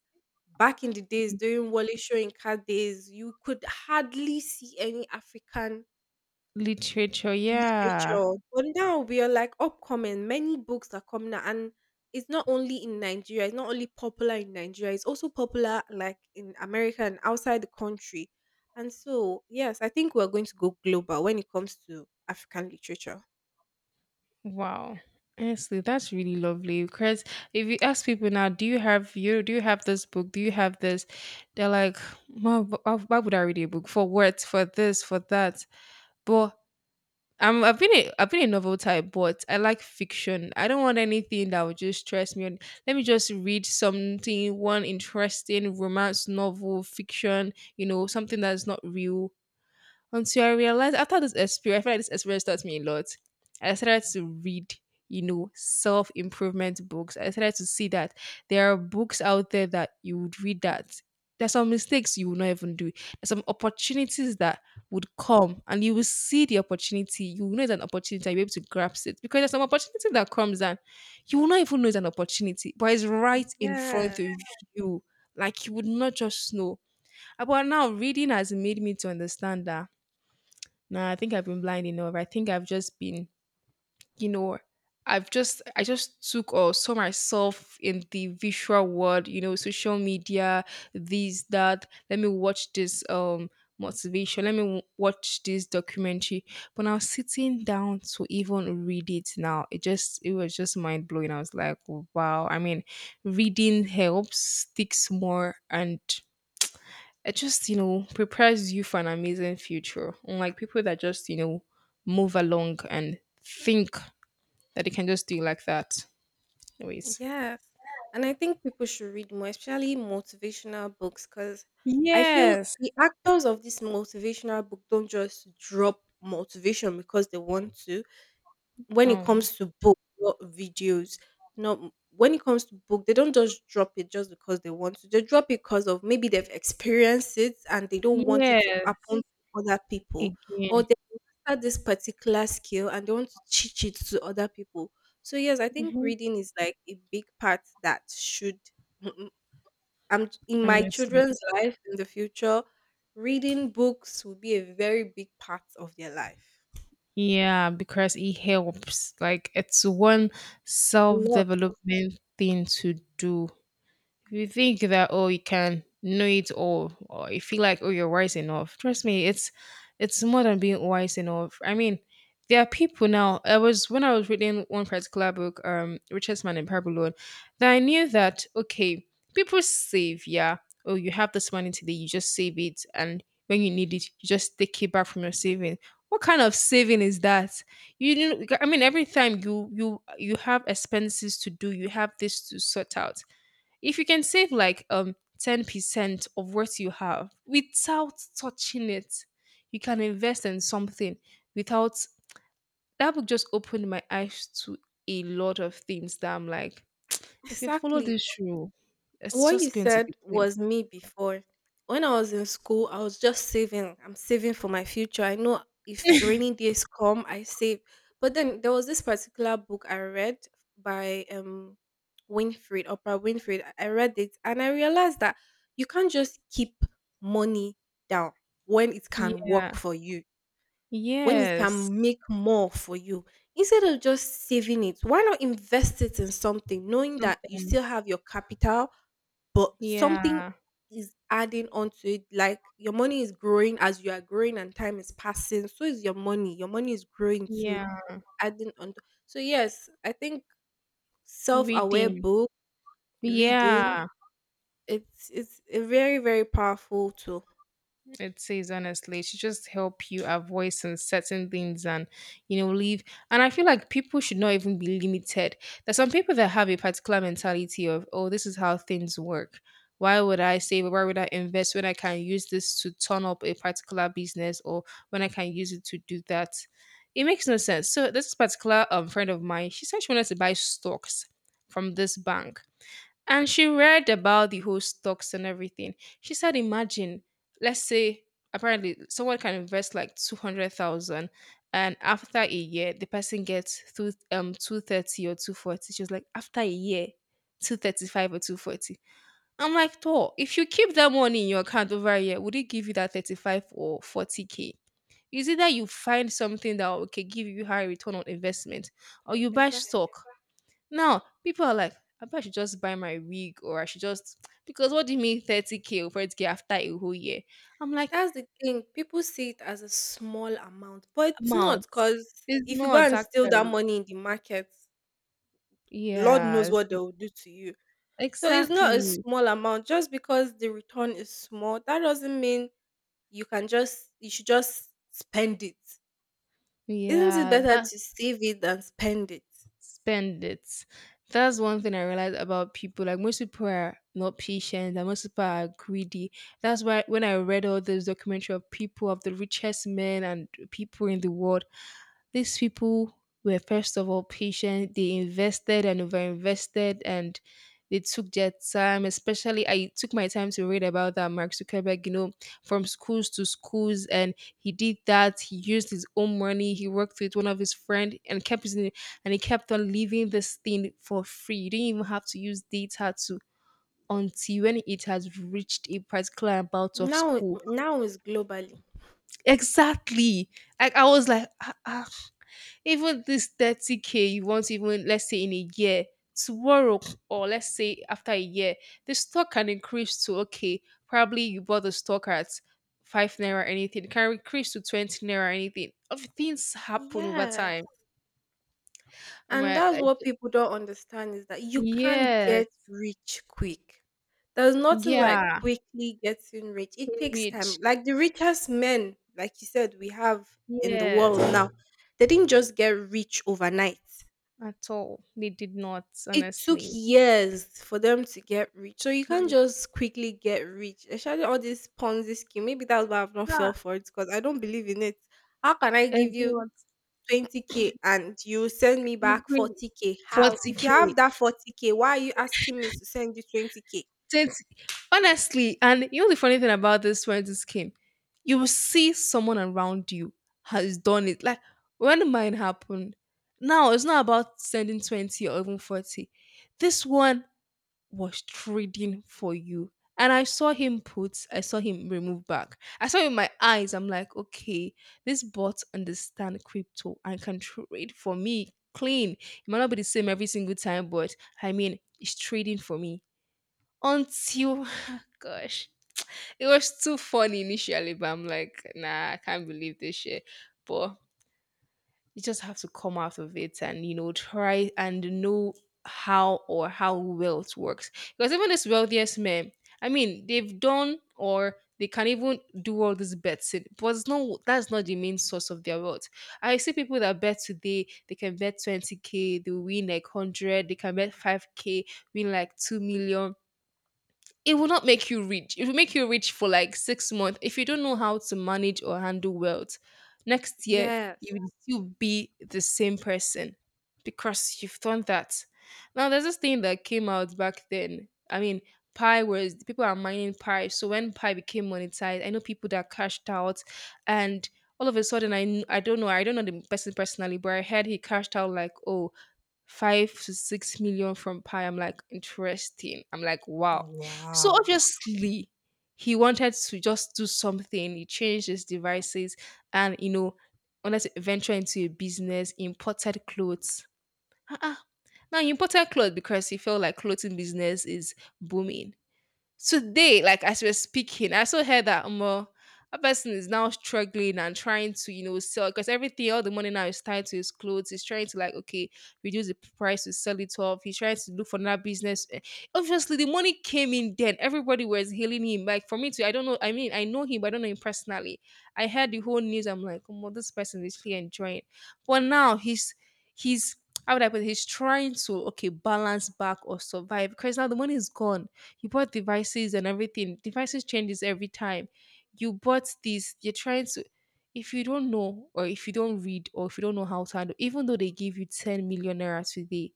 B: back in the days during Wally Shoyinka days, you could hardly see any African
A: Literature. Yeah.
B: literature. But now we are like upcoming. Many books are coming out, and it's not only in Nigeria. It's not only popular in Nigeria. It's also popular like in America and outside the country. And so, yes, I think we're going to go global when it comes to African literature.
A: Wow. Honestly, that's really lovely. Because if you ask people now, do you have you do you have this book? Do you have this? They're like, "Mom, wh- why would I read a book for what? For this? For that?" But I'm, I've been a, I've been a novel type, but I like fiction. I don't want anything that would just stress me. Let me just read something, one interesting romance novel, fiction, you know, something that's not real, until I realized after this experience, I feel like this experience taught me a lot. I started to read, you know, self improvement books. I started to see that there are books out there that you would read that there's some mistakes you will not even do. There's some opportunities that would come and you will see the opportunity. You will know it's an opportunity and you'll be able to grasp it, because there's some opportunity that comes and you will not even know it's an opportunity, but it's right in front
B: Yeah.
A: of you. Like you would not just know. Uh, But now reading has made me to understand that, nah, I think I've been blind enough. I think I've just been, you know, I've just I just took or saw myself in the visual world, you know, social media, this, that. Let me watch this um motivation. Let me w- watch this documentary. But now sitting down to even read it now, it just it was just mind blowing. I was like, wow. I mean, reading helps, sticks more, and it just, you know, prepares you for an amazing future, unlike people that just, you know, move along and think that they can just do it like that anyways.
B: Yes. And I think people should read more, especially motivational books, because I feel
A: Yes.
B: the actors of this motivational book don't just drop motivation because they want to. When it
A: Oh,
B: comes to book, not videos, no. When it comes to book, they don't just drop it just because they want to. They drop it because of maybe they've experienced it and they don't want it to
A: yes,
B: happen to other people, or
A: again.
B: they master this particular skill and they want to teach it to other people. So yes, I think
A: Hmm.
B: reading is like a big part that should. I'm in my
A: Honestly,
B: children's life in the future. Reading books will be a very big part of their life.
A: yeah, because it helps, like it's one
B: A lot.
A: self-development thing to do. If you think that, oh, you can know it all, or you feel like, oh, you're wise enough, trust me, it's it's more than being wise enough. I mean, there are people now. I was When I was reading one particular book, um, Richest Man in Babylon, that I knew that, okay, people save, yeah. Oh, you have this money today, you just save it, and when you need it, you just take it back from your saving. What kind of saving is that? You know, I mean, every time you you you have expenses to do, you have this to sort out, if you can save like um ten percent of what you have without touching it, you can invest in something, without. That book just opened my eyes to a lot of things that I'm like, if you follow
B: Exactly.
A: this rule, it's
B: What you
A: just going to be
B: said
A: clean.
B: was me before. When I was in school, I was just saving. I'm saving for my future. I know if rainy days come, I save. But then there was this particular book I read by um Winfred, Oprah Winfrey. I I read it and I realized that you can't just keep money down when it can
A: Yeah.
B: work for you, when it
A: Yes.
B: can make more for you. Instead of just saving it, why not invest it in something, knowing that you
A: Something.
B: still have your capital but something
A: Yeah.
B: is adding on to it. Like your money is growing as you are growing and time is passing. So is your money. Your money is growing too,
A: Yeah.
B: adding on. To, so yes, I think self-aware
A: Reading.
B: book reading,
A: Yeah.
B: it's it's a very very powerful tool.
A: It says, honestly, it should just help you avoid some certain things and, you know, leave. And I feel like people should not even be limited. There's some people that have a particular mentality of, oh, this is how things work. Why would I save? Why would I invest when I can use this to turn up a particular business, or when I can use it to do that? It makes no sense. So this particular um, friend of mine, she said she wanted to buy stocks from this bank, and she read about the whole stocks and everything. She said, imagine, let's say apparently someone can invest like two hundred thousand, and after a year, the person gets two, um two thirty or two forty. She was like, after a year, two thirty-five or two forty. I'm like, "Toh, if you keep that money in your account over a year, would it give you that thirty-five or forty k? Is either you find something that will, okay, give you high return on investment, or you buy
B: Exactly.
A: stock." Now, people are like, I bet I should just buy my wig, or I should just because what do you mean thirty k or forty k after a whole year? I'm like,
B: That's the thing. People see it as a small amount, but it's not
A: amount.
B: because
A: It's
B: if you go
A: not
B: and steal that
A: actually.
B: money in the market, Lord knows
A: Yes,
B: what they'll do to you. So it's not a
A: exactly.
B: small amount. Just because the return is small, that doesn't mean you can just you should just spend it. Isn't it
A: Yeah,
B: better
A: that
B: to save it than spend it?
A: spend it. That's one thing I realized about people. Like most people are not patient and most people are greedy. That's why when I read all this documentary of people, of the richest men and people in the world, these people were, first of all, patient. They invested and overinvested, and they took their time. Especially I took my time to read about that Mark Zuckerberg, you know, from schools to schools, and he did that. He used his own money. He worked with one of his friend and kept using, and he kept on leaving this thing for free. You didn't even have to use data to, until when it has reached a particular amount of
B: Now
A: school.
B: now is globally.
A: Exactly. Like I was like, ah, ah, even this thirty k you want to, even let's say in a year, tomorrow, or let's say after a year, the stock can increase to, okay, probably you bought the stock at five naira anything, it can increase to twenty naira anything. Of things happen over time.
B: Yes.
A: Am
B: And
A: I
B: that's
A: like,
B: what people don't understand is that you can't
A: yes.
B: get rich quick. There's nothing like
A: Yeah.
B: quickly getting rich. It takes
A: Rich.
B: time. Like the richest men, like you said, we have in the
A: Yes.
B: world now, they didn't just get rich overnight.
A: At all. They did not,
B: It took
A: honestly.
B: years for them to get rich. So you can't just quickly get rich. Especially all this Ponzi scheme. Maybe that's why I've not
A: Yeah,
B: fell for it because I don't believe in it. How can I give
A: it's
B: you
A: not.
B: twenty k and you send me
A: You
B: back
A: bring
B: forty k. How? If you
A: forty k.
B: have that forty k, why are you asking me to send you twenty k?
A: It's, honestly, and you know the funny thing about this, when this came, you will see someone around you has done it. Like when mine happened, now it's not about sending twenty or even forty. This one was trading for you. And I saw him put, I saw him remove back. I saw it with my eyes, I'm like, okay, this bot understand crypto and can trade for me clean. It might not be the same every single time, but I mean, it's trading for me. Until gosh, it was too funny initially, but I'm like, nah, I can't believe this shit. But you just have to come out of it and, you know, try and know how, or how well it works. Because even this wealthiest men, I mean, they've done, or they can even do all this betting, but it's not that's not the main source of their wealth. I see people that bet today, they can bet twenty k, they win like one hundred, they can bet five k, win like two million, it will not make you rich. It will make you rich for like six months. If you don't know how to manage or handle wealth, next year you
B: Yes.
A: will still be the same person, because you've done that. Now there's this thing that came out back then. I mean, Pi was people are mining Pi. So when Pi became monetized, I know people that cashed out, and all of a sudden, I kn- I don't know, I don't know the person personally, but I heard he cashed out like, oh, five to six million from Pi. I'm like, interesting. I'm like, wow. So
B: Wow.
A: obviously, he wanted to just do something. He changed his devices and, you know, wanted to venture into a business, imported clothes. Uh-uh. Now, he imported clothes because he felt like clothing business is booming today. Like as we we're speaking, I also heard that um, uh, a person is now struggling and trying to, you know, sell because everything, all the money now is tied to his clothes. He's trying to, like, okay, reduce the price to sell it off. He's trying to look for another business. Eh, obviously, the money came in then. Everybody was hailing him. Like for me too, I don't know. I mean, I know him, but I don't know him personally. I heard the whole news. I'm like, oh, well, this person is really enjoying. But now he's he's how would I put it? He's trying to, okay, balance back or survive, because now the money is gone, you bought devices and everything. Devices changes every time. You bought this, you're trying to, if you don't know, or if you don't read, or if you don't know how to handle, even though they give you ten million naira today,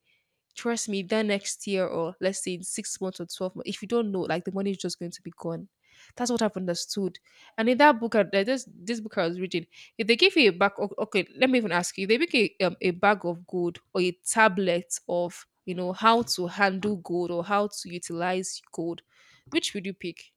A: trust me, then next year, or let's say in six months or twelve months, if you don't know, like the money is just going to be gone. That's what I've understood. And in that book, I- uh, this, this book I was reading, if they give you a bag, o- okay, let me even ask you, if they make a, um, a bag of gold or a tablet of, you know, how to handle gold or how to utilize gold, which would you pick?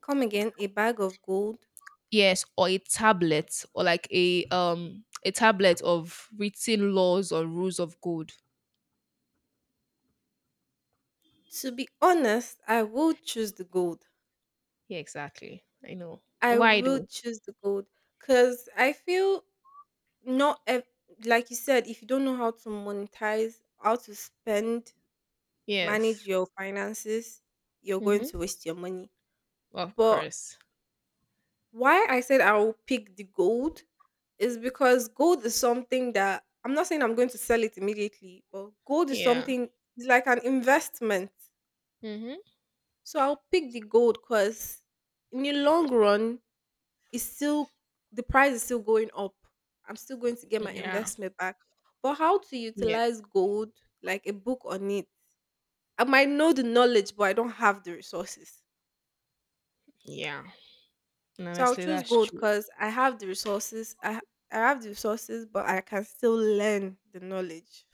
B: Come again, a bag of gold.
A: Yes, or a tablet, or like a um a tablet of written laws or rules of gold.
B: To be honest, I will choose the gold.
A: Yeah, exactly, I know
B: I
A: why
B: will
A: though.
B: choose the gold because I feel not ev- like you said, if you don't know how to monetize, how to spend,
A: Yes.
B: manage your finances, you're going
A: Mhm.
B: to waste your money.
A: Of
B: But
A: course.
B: why I said I'll pick the gold is because gold is something that I'm not saying I'm going to sell it immediately, but gold is
A: Yeah.
B: something it's like an investment.
A: Mhm.
B: So I'll pick the gold because in the long run, it's still the price is still going up. I'm still going to get my
A: Yeah.
B: investment back. But how to
A: Yeah.
B: utilize gold like a book on it? I might know the knowledge, but I don't have the resources.
A: Yeah. And
B: So I'll
A: honestly,
B: choose
A: that's
B: gold
A: true.
B: because I have the resources. I ha- I have the resources, but I can still learn the knowledge.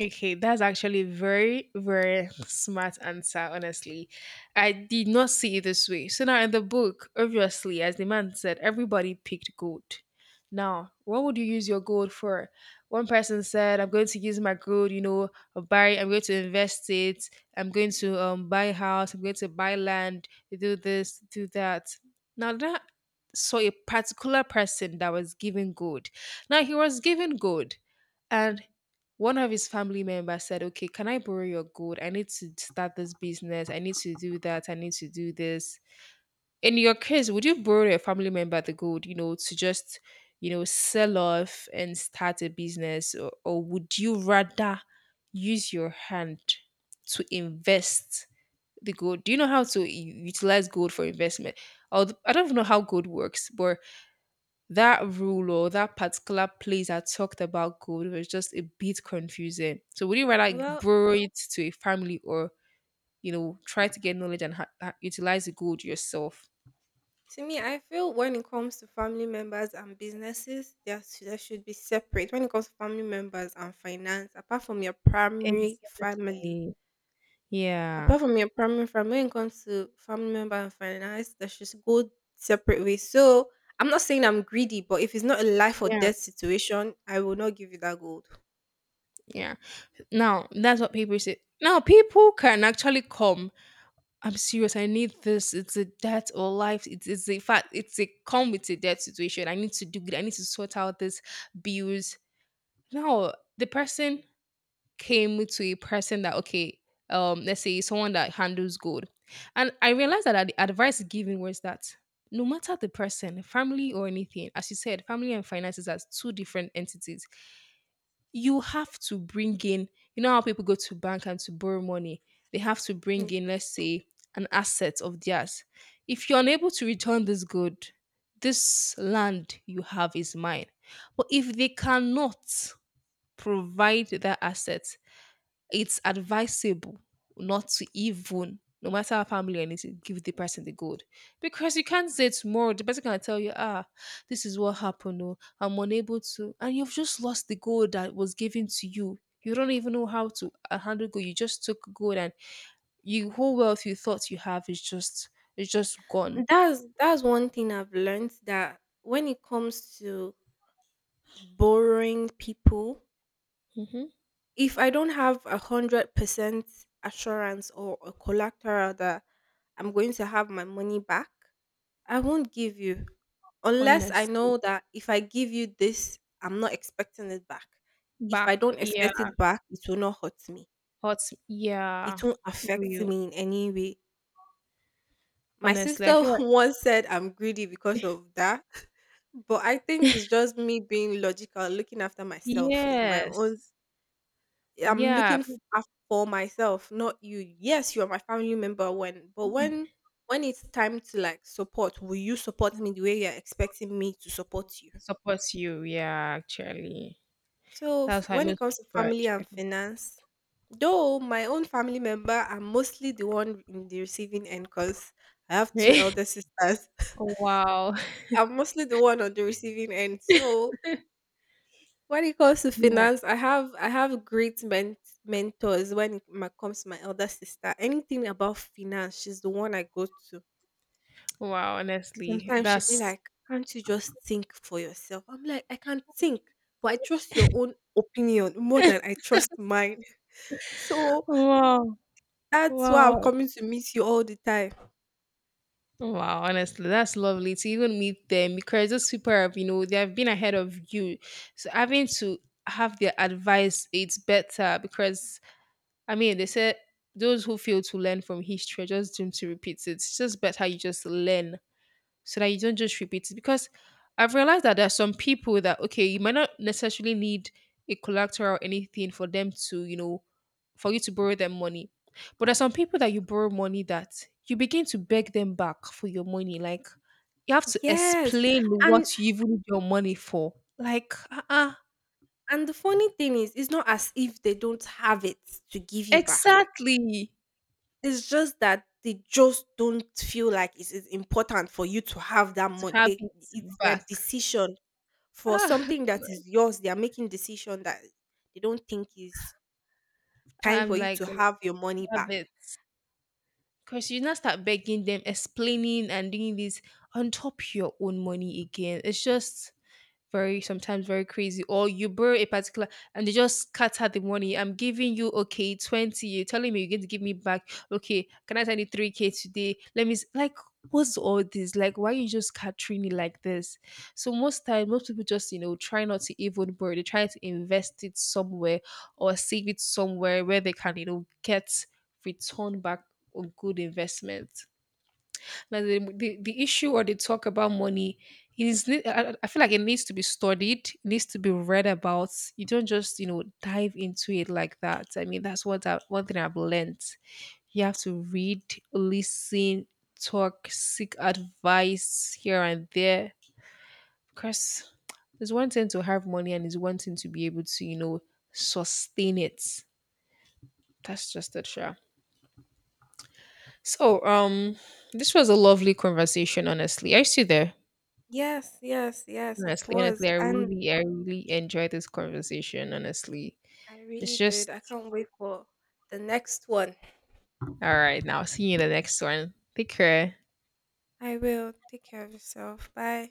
A: Okay, that's actually very, very smart answer, honestly. I did not see it this way. So now in the book, obviously, as the man said, everybody picked gold. Now, what would you use your gold for? One person said, I'm going to use my gold, you know, buy, I'm going to invest it, I'm going to um buy a house, I'm going to buy land, do this, do that. Now that saw a particular person that was given gold. Now he was given gold. And one of his family members said, okay, can I borrow your gold? I need to start this business. I need to do that. I need to do this. In your case, would you borrow your family member the gold, you know, to just, you know, sell off and start a business? Or, or would you rather use your hand to invest the gold? Do you know how to u- utilize gold for investment? Although, I don't know how gold works, but that rule or that particular place that talked about gold was just a bit confusing. So would you rather
B: Well,
A: borrow it to a family, or you know, try to get knowledge and ha- ha- utilize the gold yourself?
B: to me, I feel when it comes to family members and businesses, they are s- they should be separate. When it comes to family members and finance, apart from your primary family,
A: Exactly. Yeah.
B: Apart from your primary fam when it comes to family member and finance, they should go separate ways. So I'm not saying I'm greedy, but if it's not a life or
A: Yeah.
B: death situation, I will not give you that gold.
A: Yeah. Now that's what people say. Now people can actually come, I'm serious. I need this. It's a death or life. It's, it's a fact. It's a come with a debt situation. I need to do good. I need to sort out this bills. No, the person came to a person that, okay, um, let's say someone that handles gold, and I realized that the advice given was that no matter the person, family or anything, as you said, family and finances are two different entities. You have to bring in, you know how people go to bank and to borrow money? They have to bring
B: Mm.
A: in, let's say, an asset of theirs. If you're unable to return this good, this land you have is mine. But if they cannot provide that asset, it's advisable not to even, no matter how family or anything, give the person the gold. Because you can't say tomorrow, the person can tell you, ah, this is what happened, oh, I'm unable to. And you've just lost the gold that was given to you. You don't even know how to uh, handle gold. You just took gold, and you whole wealth you thought you have is just is just gone.
B: That's that's one thing I've learned that when it comes to borrowing people,
A: Hmm.
B: if I don't have a hundred percent assurance or a collateral that I'm going to have my money back, I won't give you unless I
A: Honest.
B: know that if I give you this, I'm not expecting it back. If I
A: Back,
B: don't
A: yeah,
B: expect it back, it will not hurt me.
A: hot, yeah.
B: It won't affect
A: Real.
B: me in any way. My
A: Honestly, I
B: sister
A: feel like.
B: once said I'm greedy because of that, but I think it's just me being logical, looking after myself. Is my own.
A: Yes.
B: I'm
A: Yeah.
B: looking f- af- for myself, not you. Yes, you are my family member when, but when when it's time to like support, will you support me the way you're expecting me to support you?
A: Supports you, yeah, actually.
B: So, f-
A: That's how
B: when it
A: most
B: comes to
A: people are
B: family and finance, though my own family member, I'm mostly the one in the receiving end because I have two
A: treated.
B: elder sisters.
A: wow.
B: I'm mostly the one on the receiving end. So, when it comes to
A: Yeah.
B: finance, I have I have great ment- mentors when it ma- comes to my elder sister. Anything about finance, she's the one I go to.
A: Wow, honestly.
B: Sometimes she'd be
A: That's.
B: like, "Can't you just think for yourself?" I'm like, "I can't think, but I trust your own opinion more than I trust mine." So
A: wow.
B: that's why I'm
A: Wow.
B: coming to miss you all the time.
A: Wow, honestly, that's lovely to even meet them because those people have, you know, they have been ahead of you. So having to have their advice, it's better because I mean they said those who fail to learn from history are just doomed to repeat it. It's just better you just learn so that you don't just repeat it. Because I've realized that there are some people that, okay, you might not necessarily need a collateral or anything for them to, you know, for you to borrow them money. But there's some people that you borrow money that you begin to beg them back for your money. Like, you have to
B: Yes.
A: explain
B: And
A: what you even need your money for. Like, uh-uh,
B: and the funny thing is it's not as if they don't have it to give you back.
A: exactly,
B: It's just that they just don't feel like it is important for you to have that
A: to
B: money.
A: have
B: They,
A: it
B: it's their
A: back.
B: decision for
A: Ah,
B: something that
A: God.
B: is yours. They are making decision that they don't think is time
A: I'm
B: for you
A: like,
B: to have your money
A: have
B: back.
A: it. Because you now start begging them, explaining, and doing this on top your own money again. It's just very sometimes very crazy, or you borrow a particular and they just scatter the money I'm giving you. Okay, twenty, you're telling me you're going to give me back, okay, can I send you three k today, let me s- like, what's all this, like why you just scattering me like this? So most time most people just, you know, try not to even borrow, they try to invest it somewhere or save it somewhere where they can, you know, get return back on good investment. Like the, the, the issue or the talk about money is ne- I, I I feel like it needs to be studied, needs to be read about. You don't just, you know, dive into it like that. I mean, that's what I, one thing I've learned. You have to read, listen, talk, seek advice here and there. Because it's one thing to have money and it's one thing to be able to, you know, sustain it. That's just it, sure. So, um, this was a lovely conversation, honestly. Are you still there?
B: Yes, yes, yes, it
A: Honestly,
B: was.
A: honestly, I
B: And
A: really, I really enjoyed this conversation. Honestly,
B: I
A: it's
B: really
A: just
B: did. I can't wait for the next one.
A: all right. Now, see you in the next one. Take care.
B: I will. Take care of yourself. Bye.